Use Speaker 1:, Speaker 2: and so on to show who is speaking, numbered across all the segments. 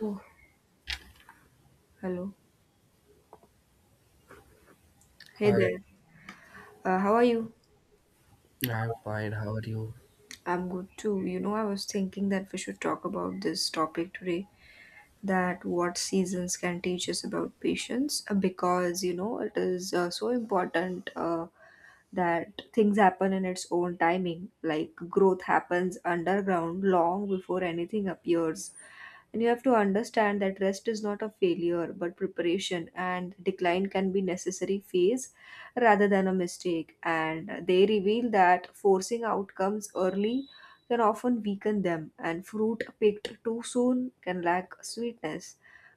Speaker 1: Oh, hello. Hey
Speaker 2: Hi,
Speaker 1: there. How are you?
Speaker 2: I'm fine. How are you?
Speaker 1: I'm good too. You know, I was thinking that we should talk about this topic today, that what seasons can teach us about patience, because you know it is so important. That things happen in its own timing, like growth happens underground long before anything appears. And you have to understand that rest is not a failure but preparation, and decline can be necessary phase rather than a mistake. And they reveal that forcing outcomes early can often weaken them, and fruit picked too soon can lack sweetness.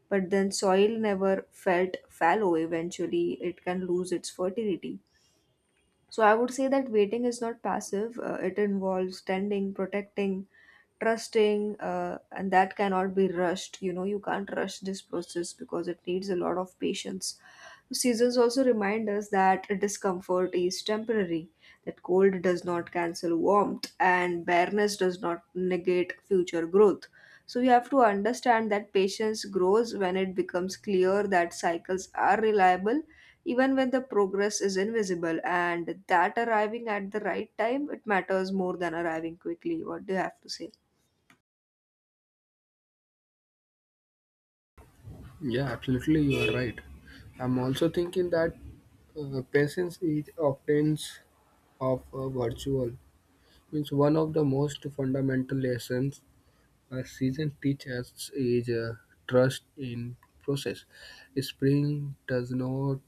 Speaker 1: But then soil never felt fallow, eventually, it can lose its fertility. So I would say that waiting is not passive. It involves tending, protecting, trusting, and that cannot be rushed. You know, you can't rush this process because it needs a lot of patience. Seasons also remind us that discomfort is temporary, that cold does not cancel warmth, and bareness does not negate future growth. So we have to understand that patience grows when it becomes clear that cycles are reliable even when the progress is invisible, and that arriving at the right time it matters more than arriving quickly. What do you have to say?
Speaker 2: Yeah, absolutely, you are right. I'm also thinking that patience is often of a virtual. Means one of the most fundamental lessons a season teaches is trust in process. Spring does not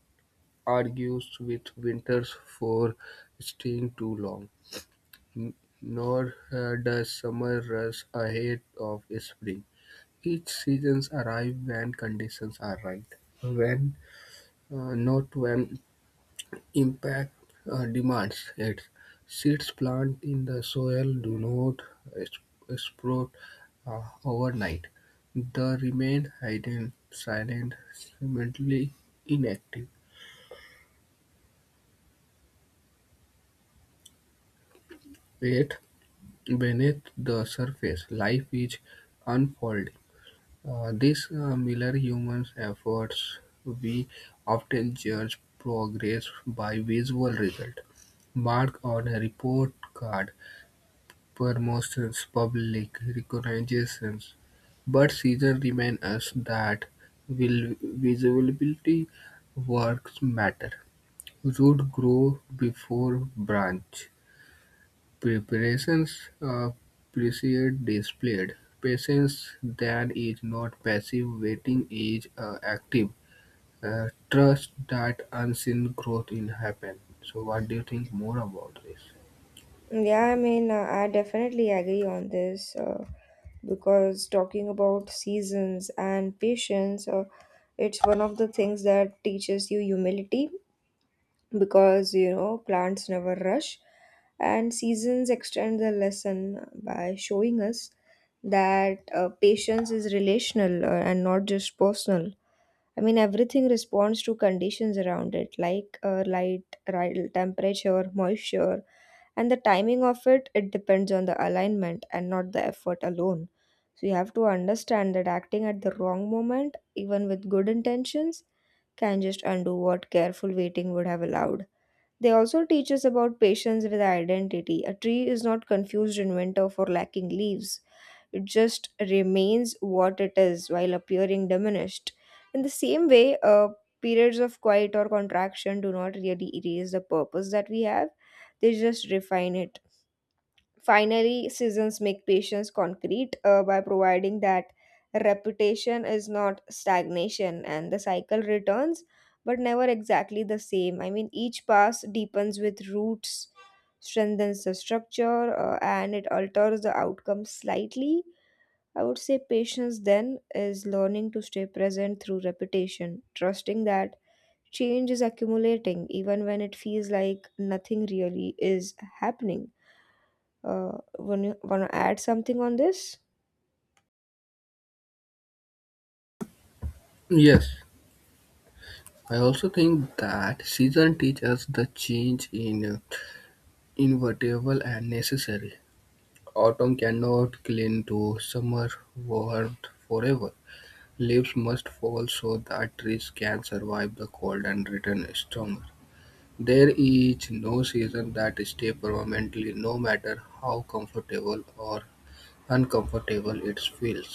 Speaker 2: argue with winters for staying too long, n- nor does summer rush ahead of spring. Each seasons arrive when conditions are right, when not when impact demands it. Seeds planted in the soil do not sp- sprout overnight. They remain hidden, silent, seemingly inactive. Yet beneath the surface, life is unfolding. This mirror humans' efforts. We often judge progress by visual result. Mark on a report card, promotions, public recognitions, but season remind us that will visibility works matter. Root grow before branch. Preparations precede displayed patience that is not passive waiting is active trust that unseen growth will happen. So what do you think more about this?
Speaker 1: Yeah, I mean, I definitely agree on this, because talking about seasons and patience, it's one of the things that teaches you humility because you know plants never rush, and seasons extend the lesson by showing us that patience is relational, and not just personal. I mean, everything responds to conditions around it, like light, right, temperature, moisture, and the timing of it, it depends on the alignment and not the effort alone. So you have to understand that acting at the wrong moment, even with good intentions, can just undo what careful waiting would have allowed. They also teach us about patience with identity. A tree is not confused in winter for lacking leaves, it just remains what it is while appearing diminished. In the same way, periods of quiet or contraction do not really erase the purpose that we have, they just refine it. Finally, seasons make patience concrete by providing that reputation is not stagnation and the cycle returns, but never exactly the same. I mean, each pass deepens with roots, strengthens the structure, and it alters the outcome slightly. I would say patience then is learning to stay present through repetition, trusting that change is accumulating even when it feels like nothing really is happening. Uh, wanna add something on this?
Speaker 2: Yes, I also think that season teaches us the change in inevitable and necessary. Autumn cannot cling to summer warmth forever. Leaves must fall so that trees can survive the cold and return stronger. There is no season that stays permanently, no matter how comfortable or uncomfortable it feels.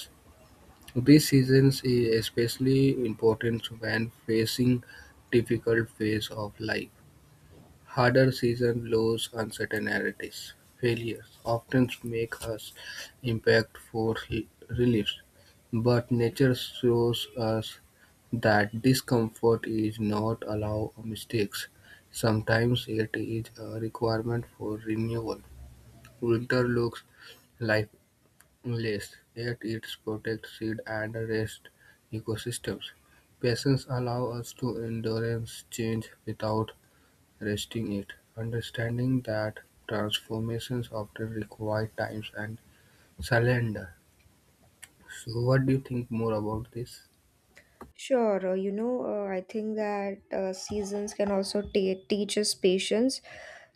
Speaker 2: This season is especially important when facing difficult phase of life. Harder season lows, uncertainties, failures often make us impact for reliefs, but nature shows us that discomfort is not allow mistakes. Sometimes it is a requirement for renewal. Winter looks lifeless, yet it protects seed and rest ecosystems. Patience allows us to endurance change without resting it, understanding that transformations often require times and surrender. So, what do you think more about this?
Speaker 1: Sure, you know, I think that seasons can also teach us patience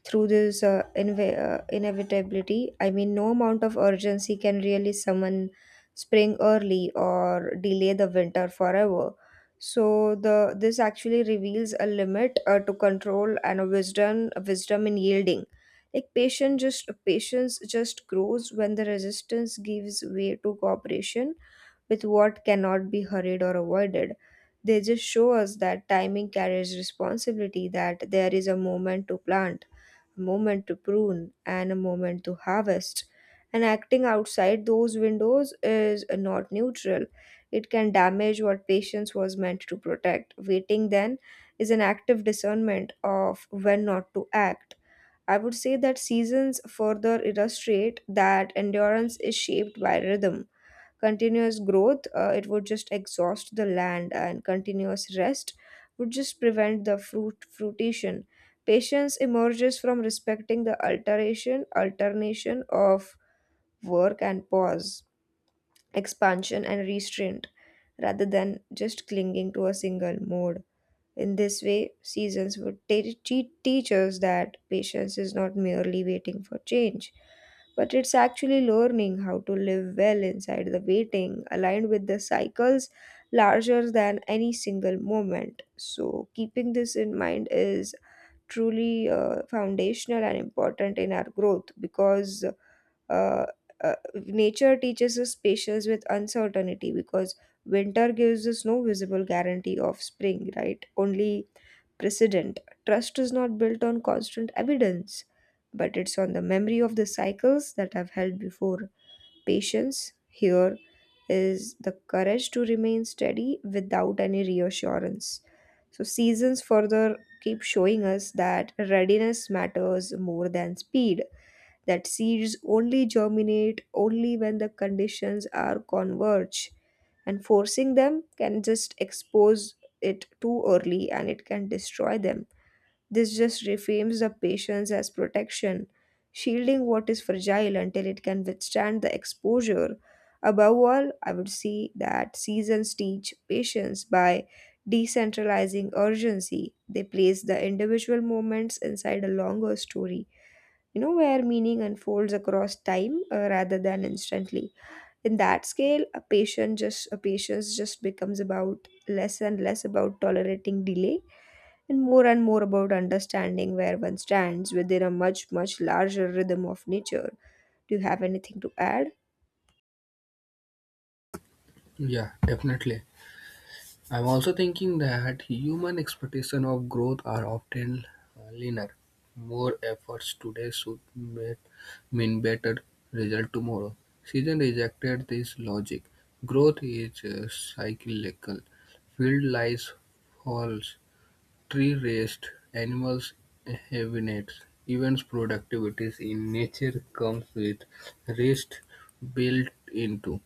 Speaker 1: through this inevitability. I mean, no amount of urgency can really summon spring early or delay the winter forever. So the this actually reveals a limit to control and a wisdom in yielding. Like patience just grows when the resistance gives way to cooperation with what cannot be hurried or avoided. They just show us that timing carries responsibility, that there is a moment to plant, a moment to prune, and a moment to harvest. And acting outside those windows is not neutral. It can damage what patience was meant to protect. Waiting then is an active discernment of when not to act. I would say that seasons further illustrate that endurance is shaped by rhythm. Continuous growth, it would just exhaust the land, and continuous rest would just prevent the fruition. Patience emerges from respecting the alteration alternation of work and pause, expansion and restraint, rather than just clinging to a single mode. In this way, seasons would teach us that patience is not merely waiting for change, but it's actually learning how to live well inside the waiting, aligned with the cycles larger than any single moment. So, keeping this in mind is truly foundational and important in our growth, because uh, nature teaches us patience with uncertainty, because winter gives us no visible guarantee of spring, right? Only precedent. Trust is not built on constant evidence, but it's on the memory of the cycles that have held before. Patience here is the courage to remain steady without any reassurance. So, seasons further keep showing us that readiness matters more than speed, that seeds only germinate only when the conditions are converge, and forcing them can just expose it too early and it can destroy them. This just reframes the patience as protection, shielding what is fragile until it can withstand the exposure. Above all, I would see that seasons teach patience by decentralizing urgency. They place the individual moments inside a longer story, you know, where meaning unfolds across time rather than instantly. In that scale, a patience just becomes about less and less about tolerating delay and more about understanding where one stands within a much larger rhythm of nature. Do you have anything to add?
Speaker 2: Yeah, definitely. I'm also thinking that human expectation of growth are often linear. More efforts today should mean better result tomorrow. Season rejected this logic. Growth is cyclical. Field lies false. Tree-raised animals hibernate; even productivities in nature comes with rest built into.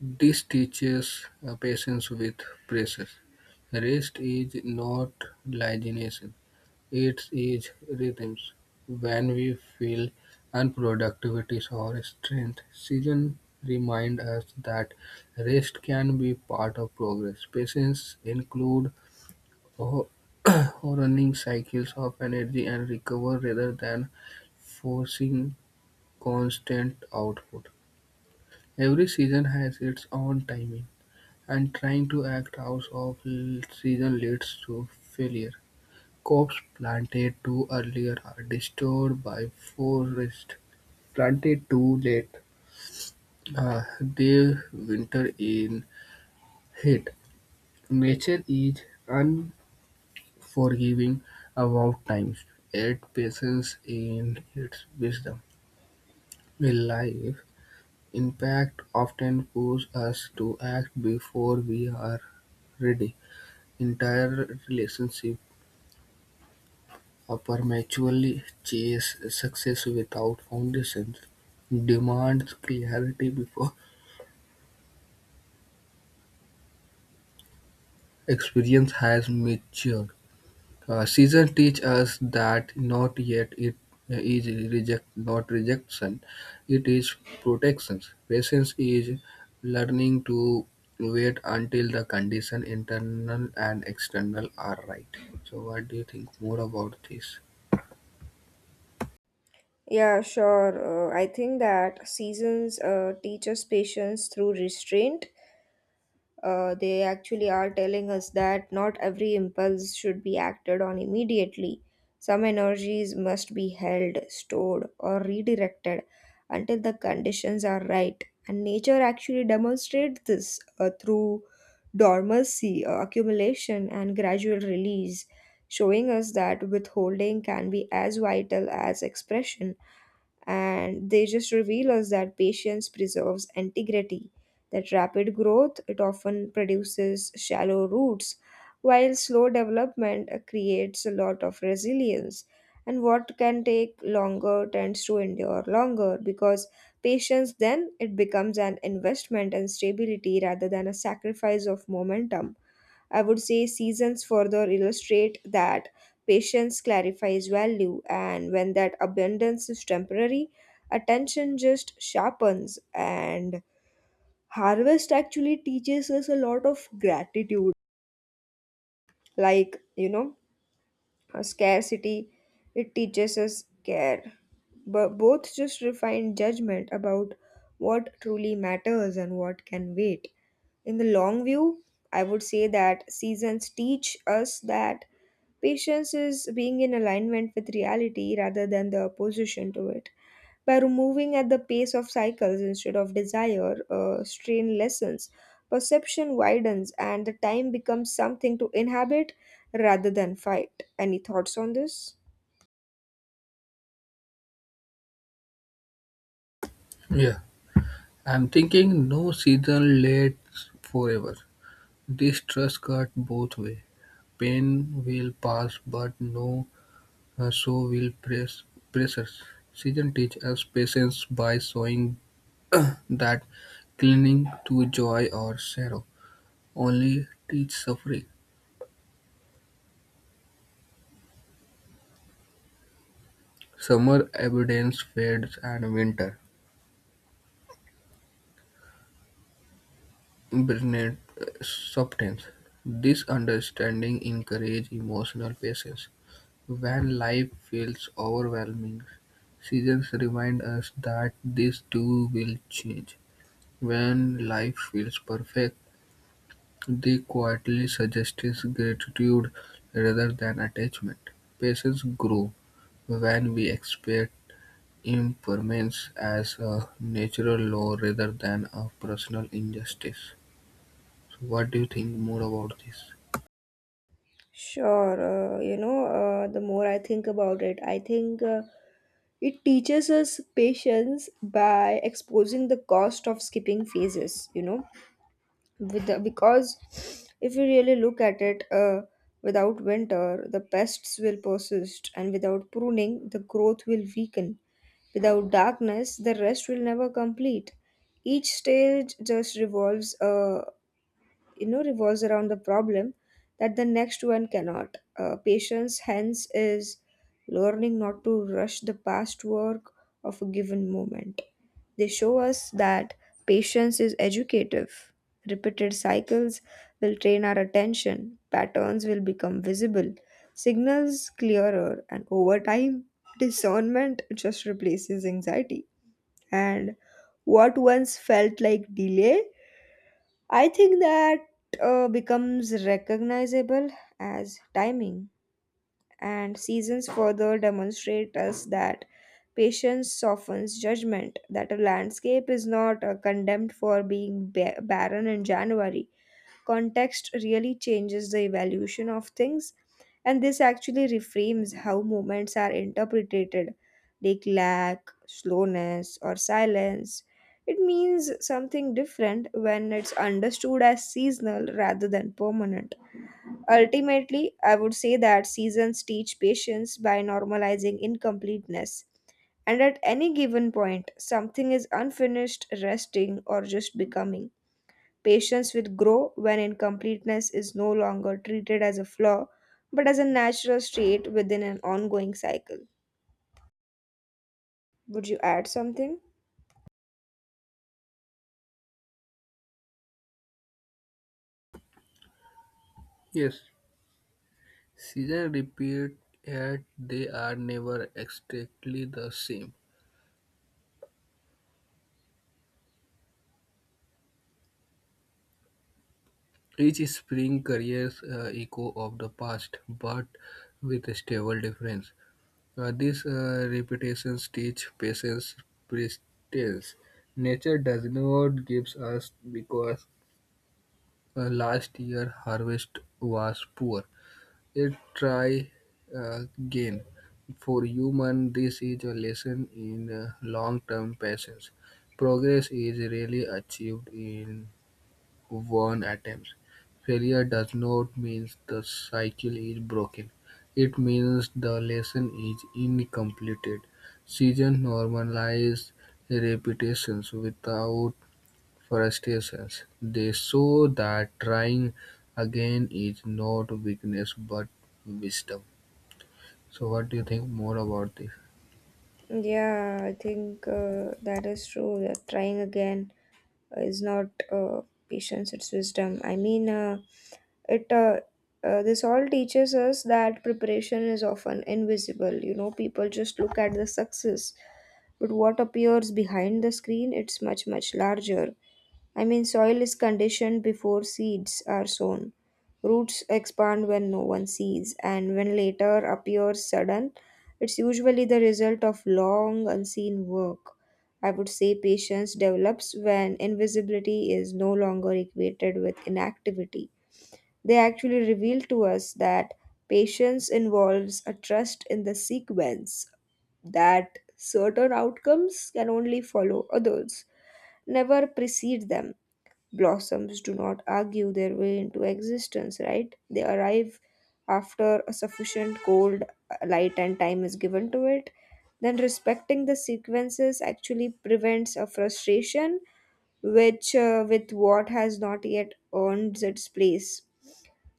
Speaker 2: This teaches patience with pressure. Rest is not laziness, it is rhythms. When we feel unproductivities or strength, season remind us that rest can be part of progress. Patience include. Or or running cycles of energy and recover rather than forcing constant output. Every season has its own timing, and trying to act out of season leads to failure. Crops planted too early are destroyed by forest. Planted too late, they winter in heat. Nature is forgiving about times, yet patience in its wisdom. In life, impact often pushes us to act before we are ready. Entire relationships prematurely chase success without foundations, demand clarity before experience has matured. Season teach us that not yet it is reject not rejection, it is protection. Patience is learning to wait until the condition internal and external are right. So what do you think more about this?
Speaker 1: Yeah, sure. I think that seasons teach us patience through restraint. They actually are telling us that not every impulse should be acted on immediately. Some energies must be held, stored, or redirected until the conditions are right. And nature actually demonstrates this through dormancy, accumulation, and gradual release, showing us that withholding can be as vital as expression, and they just reveal us that patience preserves integrity, that rapid growth it often produces shallow roots, while slow development creates a lot of resilience, and what can take longer tends to endure longer, because patience then it becomes an investment and stability rather than a sacrifice of momentum. I would say seasons further illustrate that patience clarifies value, and when that abundance is temporary, attention just sharpens, and harvest actually teaches us a lot of gratitude. Like, you know, a scarcity, it teaches us care. But both just refine judgment about what truly matters and what can wait. In the long view, I would say that seasons teach us that patience is being in alignment with reality rather than the opposition to it. By removing at the pace of cycles instead of desire, strain lessens, perception widens, and the time becomes something to inhabit rather than fight. Any thoughts on this?
Speaker 2: Yeah. I'm thinking no season lasts forever. This trust cut both way. Pain will pass but no. So will pressures. Seasons teach us patience by showing that clinging to joy or sorrow only teach suffering. Summer abundance fades and winter brings substance. This understanding encourages emotional patience. When life feels overwhelming, seasons remind us that this too will change. When life feels perfect, they quietly suggests gratitude rather than attachment. Patience grows when we expect impermanence as a natural law rather than a personal injustice. So what do you think more about this?
Speaker 1: Sure, you know, the more I think about it, I think it teaches us patience by exposing the cost of skipping phases, you know with the, because if you really look at it, without winter the pests will persist, and without pruning the growth will weaken, without darkness the rest will never complete. Each stage just revolves, revolves around the problem that the next one cannot. Patience hence is learning not to rush the past work of a given moment. They show us that patience is educative, repeated cycles will train our attention, patterns will become visible, signals clearer, and over time discernment just replaces anxiety, and what once felt like delay, I think that becomes recognizable as timing, and seasons further demonstrate us that patience softens judgment, that a landscape is not condemned for being barren in January. Context really changes the evaluation of things, and this actually reframes how moments are interpreted, like lack, slowness, or silence. It means something different when it's understood as seasonal rather than permanent. Ultimately, I would say that seasons teach patience by normalizing incompleteness. And at any given point, something is unfinished, resting, or just becoming. Patients will grow when incompleteness is no longer treated as a flaw, but as a natural state within an ongoing cycle. Would you add something?
Speaker 2: Yes, seasons repeat, yet they are never exactly the same. Each spring carries a echo of the past, but with a stable difference. These repetitions teach patience, persistence. Nature does not give us because last year harvest was poor. It try again. For human, this is a lesson in long-term patience. Progress is rarely achieved in one attempt. Failure does not mean the cycle is broken. It means the lesson is incomplete. Season normalize repetitions without frustrations. They show that trying again is not weakness but wisdom. So, what do you think more about this?
Speaker 1: Yeah, I think that is true. That trying again is not uh, patience, it's wisdom. I mean, it this all teaches us that preparation is often invisible. You know, people just look at the success, but what appears behind the screen, it's much, much larger. I mean, soil is conditioned before seeds are sown. Roots expand when no one sees, and when later appears sudden, it's usually the result of long unseen work. I would say patience develops when invisibility is no longer equated with inactivity. They actually reveal to us that patience involves a trust in the sequence, that certain outcomes can only follow others, never precede them. Blossoms do not argue their way into existence, right? They arrive after a sufficient cold, light, and time is given to it. Then respecting the sequences actually prevents a frustration which with what has not yet earned its place.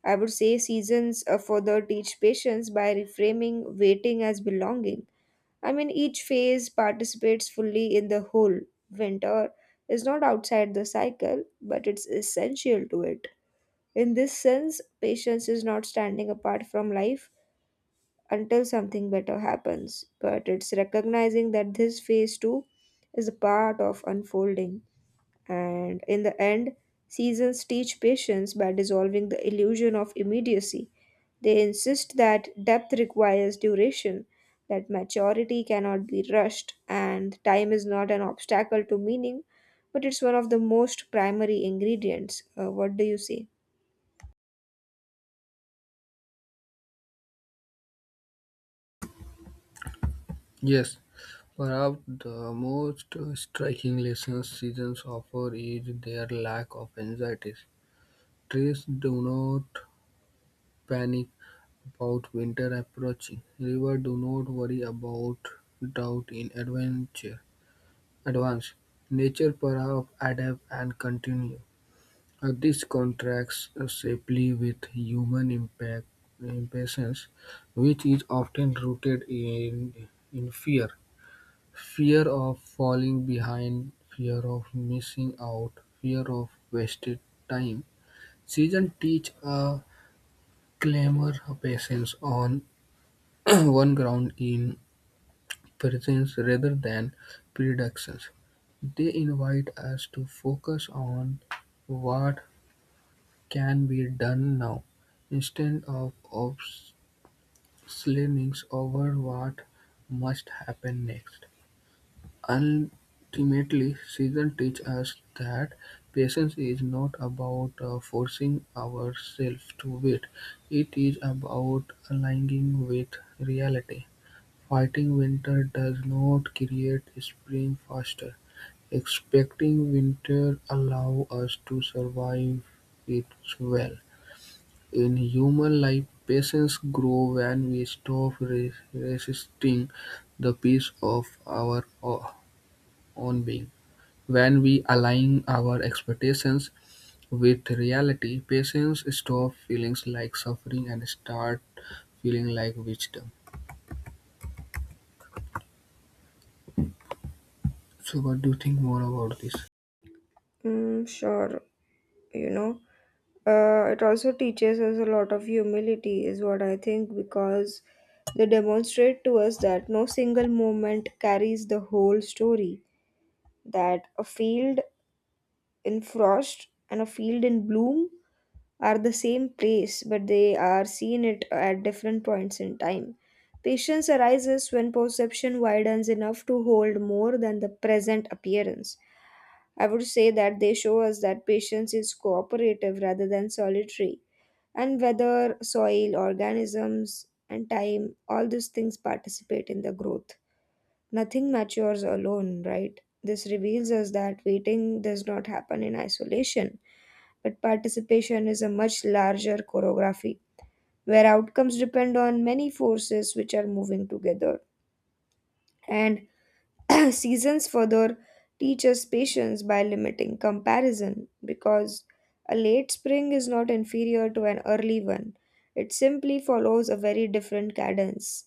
Speaker 1: I would say seasons further teach patience by reframing waiting as belonging. I mean, each phase participates fully in the whole. Winter is not outside the cycle, but it's essential to it. In this sense, patience is not standing apart from life until something better happens, but it's recognizing that this phase too is a part of unfolding. And in the end, seasons teach patience by dissolving the illusion of immediacy. They insist that depth requires duration, that maturity cannot be rushed, and time is not an obstacle to meaning, but it's one of the most primary ingredients. What do you say?
Speaker 2: Yes, perhaps the most striking lessons seasons offer is their lack of anxiety. Trees do not panic about winter approaching. Rivers do not worry about drought in advance. Nature perhaps adapt and continue. This contrasts sharply with human impact, impatience, which is often rooted in fear. Fear of falling behind, fear of missing out, fear of wasted time. Seasons teach a clamour patients on one ground in presence rather than predictions. They invite us to focus on what can be done now instead of obsessing over what must happen next. Ultimately, season teach us that patience is not about forcing ourselves to wait. It is about aligning with reality. Fighting winter does not create spring faster. Expecting winter allows us to survive it well. In human life, patience grows when we stop resisting the peace of our own being. When we align our expectations with reality, patients stop feeling like suffering and start feeling like wisdom. So, what do you think more about this?
Speaker 1: Mm, sure, you know. It also teaches us a lot of humility, is what I think, because they demonstrate to us that no single moment carries the whole story, that a field in frost and a field in bloom are the same place, but they are seen it at different points in time. Patience arises when perception widens enough to hold more than the present appearance. I would say that they show us that patience is cooperative rather than solitary, and whether soil, organisms, and time, all these things participate in the growth. Nothing matures alone, right? This reveals us that waiting does not happen in isolation, but participation is a much larger choreography where outcomes depend on many forces which are moving together. And seasons further teach us patience by limiting comparison because a late spring is not inferior to an early one. It simply follows a very different cadence.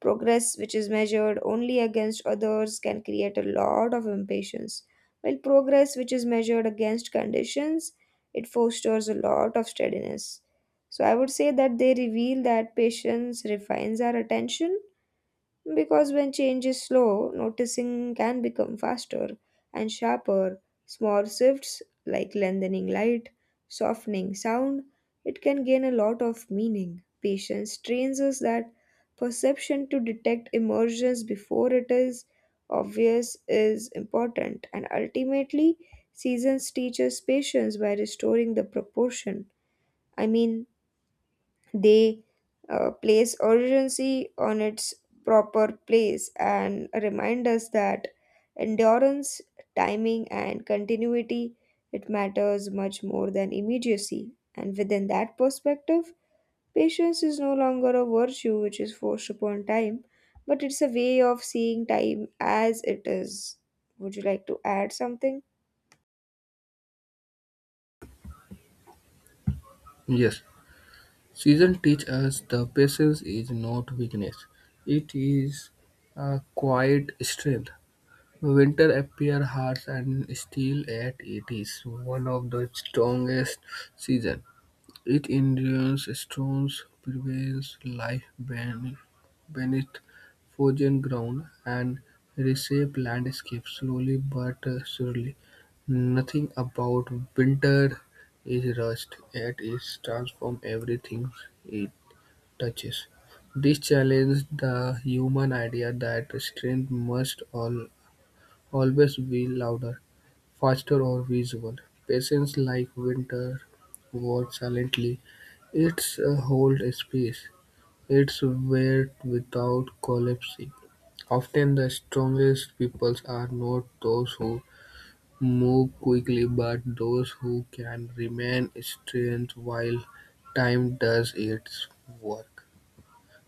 Speaker 1: Progress, which is measured only against others, can create a lot of impatience, while progress, which is measured against conditions, it fosters a lot of steadiness. So, I would say that they reveal that patience refines our attention because when change is slow, noticing can become faster and sharper. Small shifts like lengthening light, softening sound, it can gain a lot of meaning. Patience trains us that perception to detect emergence before it is obvious is important, and ultimately, seasons teach us patience by restoring the proportion. I mean, they place urgency on its proper place and remind us that endurance, timing, and continuity it matters much more than immediacy. And within that perspective, patience is no longer a virtue which is forced upon time, but it's a way of seeing time as it is. Would you like to add something?
Speaker 2: Yes, season teach us the patience is not weakness; it is a quiet strength. Winter appear harsh and still yet it is one of the strongest season. It endures storms, perils, lies beneath frozen ground, and reshapes landscapes slowly but surely. Nothing about winter is rushed; yet it is transforms everything it touches. This challenges the human idea that strength must always be louder, faster or visual. Patients like winter watch silently. Its a hold space. Its weight without collapsing. Often the strongest peoples are not those who move quickly but those who can remain strength while time does its work.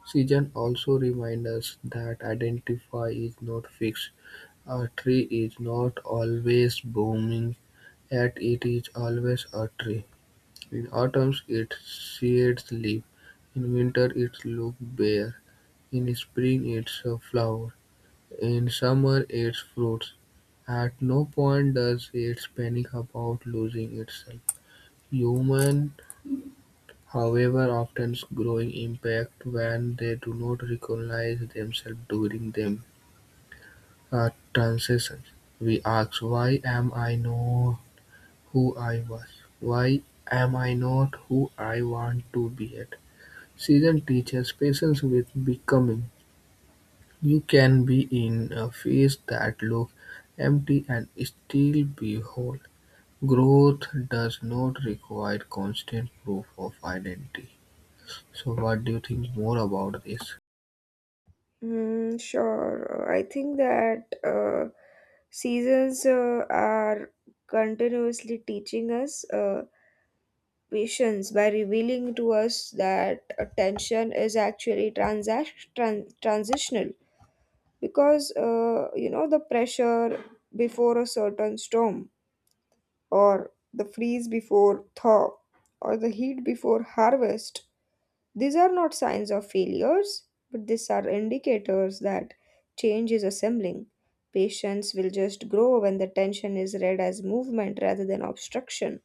Speaker 2: Season also reminds us that identify is not fixed. A tree is not always blooming, yet it is always a tree. In autumn its shades leap, in winter it looks bare, in spring it's a flower, in summer it's fruits. At no point does it panic about losing itself. Humans, however, often grow impact when they do not recognize themselves during them transitions. We ask, why am I no who I was, why am I not who I want to be at? Season teaches patience with becoming. You can be in a phase that looks empty and still be whole. Growth does not require constant proof of identity. So, what do you think more about this?
Speaker 1: Mm, sure. I think that seasons are continuously teaching us patience by revealing to us that attention is actually transitional because you know the pressure before a certain storm or the freeze before thaw or the heat before harvest these are not signs of failures, but these are indicators that change is assembling. Patients will just grow when the tension is read as movement rather than obstruction.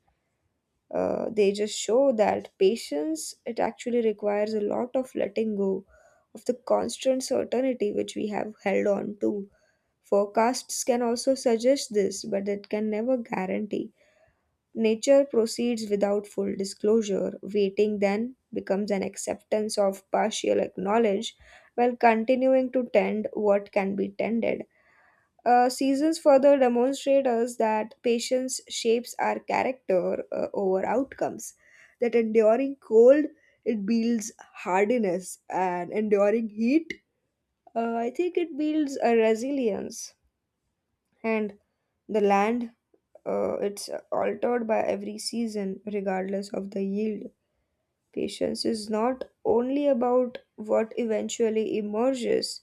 Speaker 1: They just show that patience, it actually requires a lot of letting go of the constant certainty which we have held on to. Forecasts can also suggest this, but it can never guarantee. Nature proceeds without full disclosure. Waiting then becomes an acceptance of partial acknowledge while continuing to tend what can be tended. Seasons further demonstrate us that patience shapes our character over outcomes. That enduring cold, it builds hardiness, and enduring heat, I think it builds a resilience. And the land it's altered by every season, regardless of the yield. Patience is not only about what eventually emerges,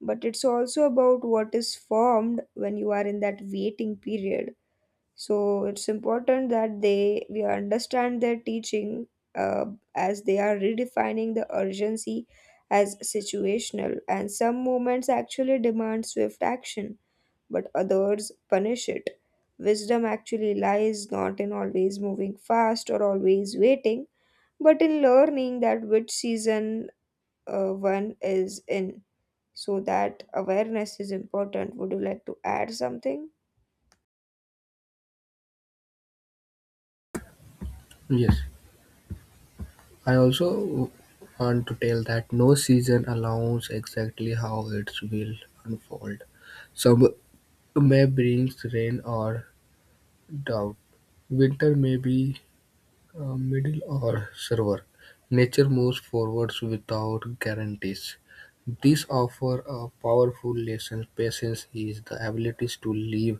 Speaker 1: but it's also about what is formed when you are in that waiting period. So it's important that they we understand their teaching uh, as they are redefining the urgency as situational, and some moments actually demand swift action but others punish it. Wisdom actually lies not in always moving fast or always waiting, but in learning that which season one is in. So that awareness is important. Would you like to add something?
Speaker 2: Yes, I also want to tell that no season allows exactly how it will unfold. Some May brings rain or drought; winter may be mild or severe. Nature moves forwards without guarantees. These offer a powerful lesson. Patience is the ability to live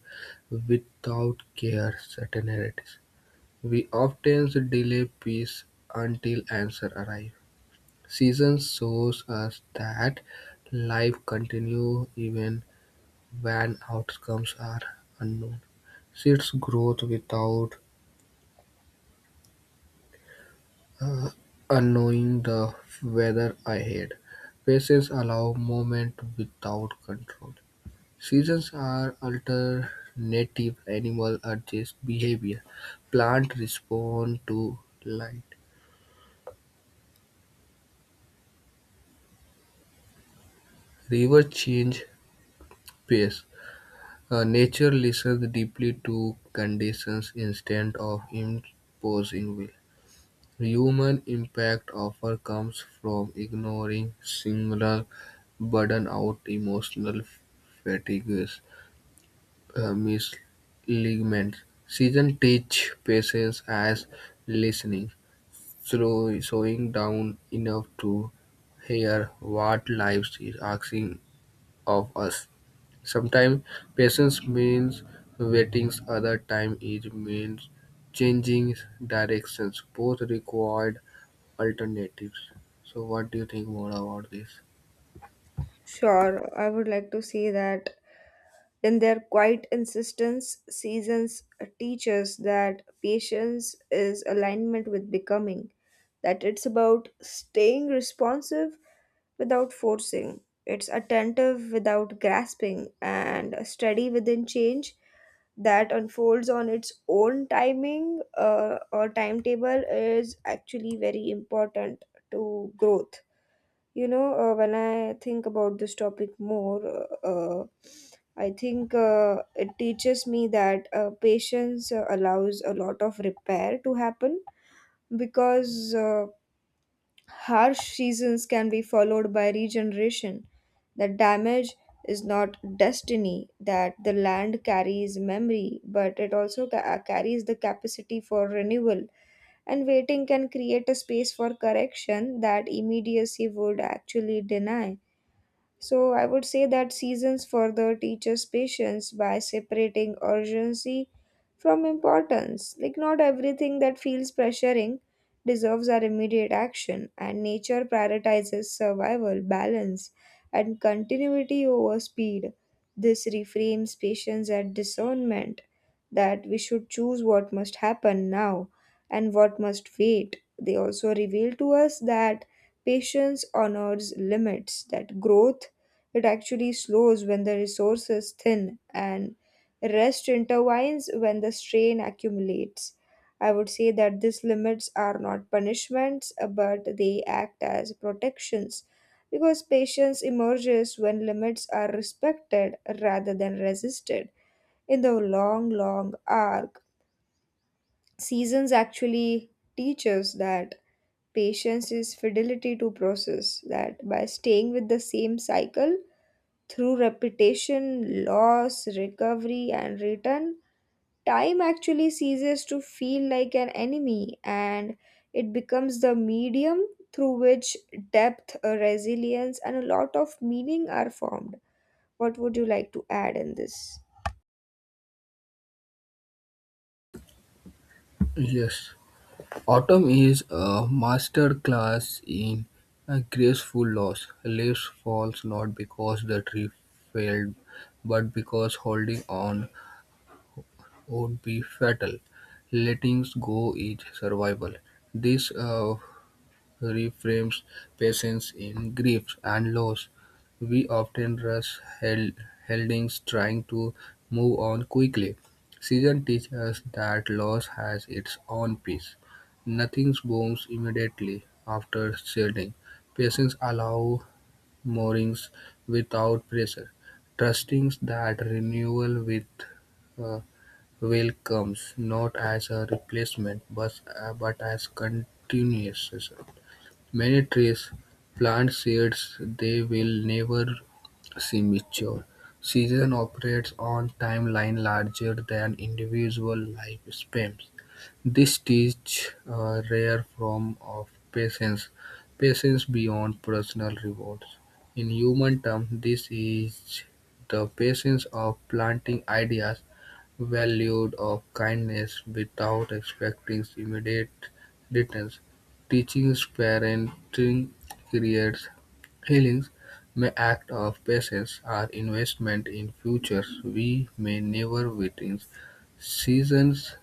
Speaker 2: without care certainties. We often delay peace until answer arrive. Seasons shows us that life continues even when outcomes are unknown. Seeds growth without uh, unknowing the weather ahead. Paces allow movement without control. Seasons are alternative animal adjust behavior. Plant respond to light. Rivers change pace. Nature listens deeply to conditions instead of imposing will. Human impact often comes from ignoring similar burnout, emotional fatigue, misalignment. Season teach patience as listening, through, slowing down enough to hear what life is asking of us. Sometimes patience means waiting, other time it means changing directions. Both required alternatives. So, what do you think more about this?
Speaker 1: Sure, I would like to say that in their quiet insistence, seasons teaches that patience is alignment with becoming, that it's about staying responsive without forcing, it's attentive without grasping, and steady within change that unfolds on its own timing or timetable is actually very important to growth. You know, when I think about this topic more, uh, I think it teaches me that patience allows a lot of repair to happen because harsh seasons can be followed by regeneration. The damage is not destiny, that the land carries memory, but it also carries the capacity for renewal. And waiting can create a space for correction that immediacy would actually deny, so I would say that seasons further teaches patience by separating urgency from importance. Like not everything that feels pressuring deserves our immediate action, and nature prioritizes survival, balance, and continuity over speed. This reframes patience at discernment that we should choose what must happen now and what must wait. They also reveal to us that patience honors limits, that growth it actually slows when the resources thin and rest intervenes when the strain accumulates. I would say that these limits are not punishments, but they act as protections because patience emerges when limits are respected rather than resisted. In the long, long arc, seasons actually teach us that patience is fidelity to process, that by staying with the same cycle, through repetition, loss, recovery, and return, time actually ceases to feel like an enemy and it becomes the medium through which depth, resilience, and a lot of meaning are formed. What would you like to add in this?
Speaker 2: Yes, autumn is a master class in a graceful loss. Leaves falls not because the tree failed, but because holding on would be fatal. Letting go is survival. This reframes patience in grief and loss. We often rush held, headings trying to move on quickly. Season teaches us that loss has its own pace. Nothing blooms immediately after shedding. Patience allows moorings without pressure, trusting that renewal with uh, will comes not as a replacement but as continuation. Many trees plant seeds they will never see mature. Season operates on timelines larger than individual lifespans. This teaches a rare form of patience, patience beyond personal rewards. In human terms, this is the patience of planting ideas, valued of kindness without expecting immediate returns. Teaching parenting creates healings may act of patience are investment in futures we may never witness. Seasons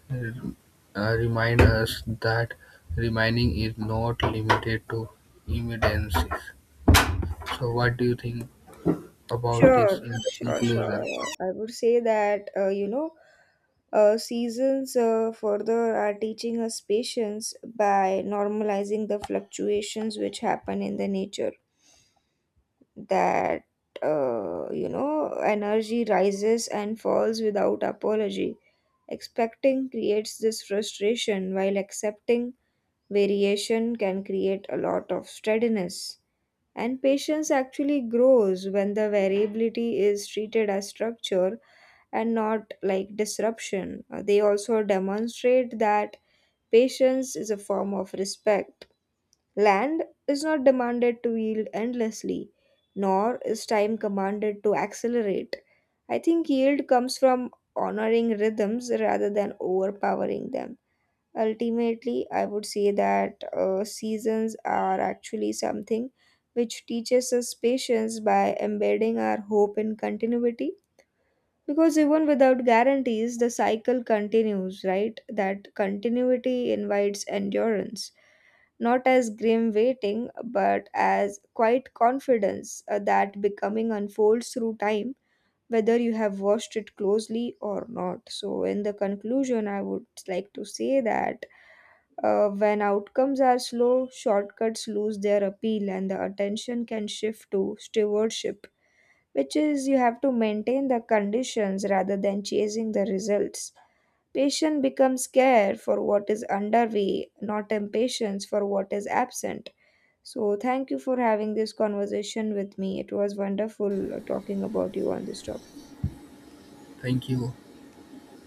Speaker 2: remind us that remaining is not limited to emergencies. So, what do you think about this in
Speaker 1: Sure, sure,
Speaker 2: conclusion?
Speaker 1: sure. I would say that, you know, seasons further are teaching us patience by normalizing the fluctuations which happen in the nature, that you know energy rises and falls without apology. Expecting creates this frustration while accepting variation can create a lot of steadiness, and patience actually grows when the variability is treated as structure and not like disruption. They also demonstrate that patience is a form of respect. Land is not demanded to yield endlessly, nor is time commanded to accelerate. I think yield comes from honoring rhythms rather than overpowering them. Ultimately, I would say that seasons are actually something which teaches us patience by embedding our hope in continuity because even without guarantees, the cycle continues, right? That continuity invites endurance, not as grim waiting, but as quiet confidence that becoming unfolds through time, whether you have watched it closely or not. So, in the conclusion, I would like to say that when outcomes are slow, shortcuts lose their appeal, and the attention can shift to stewardship, which is you have to maintain the conditions rather than chasing the results. Patience becomes care for what is underway, not impatience for what is absent. So, thank you for having this conversation with me. It was wonderful talking about you on this topic.
Speaker 2: Thank you.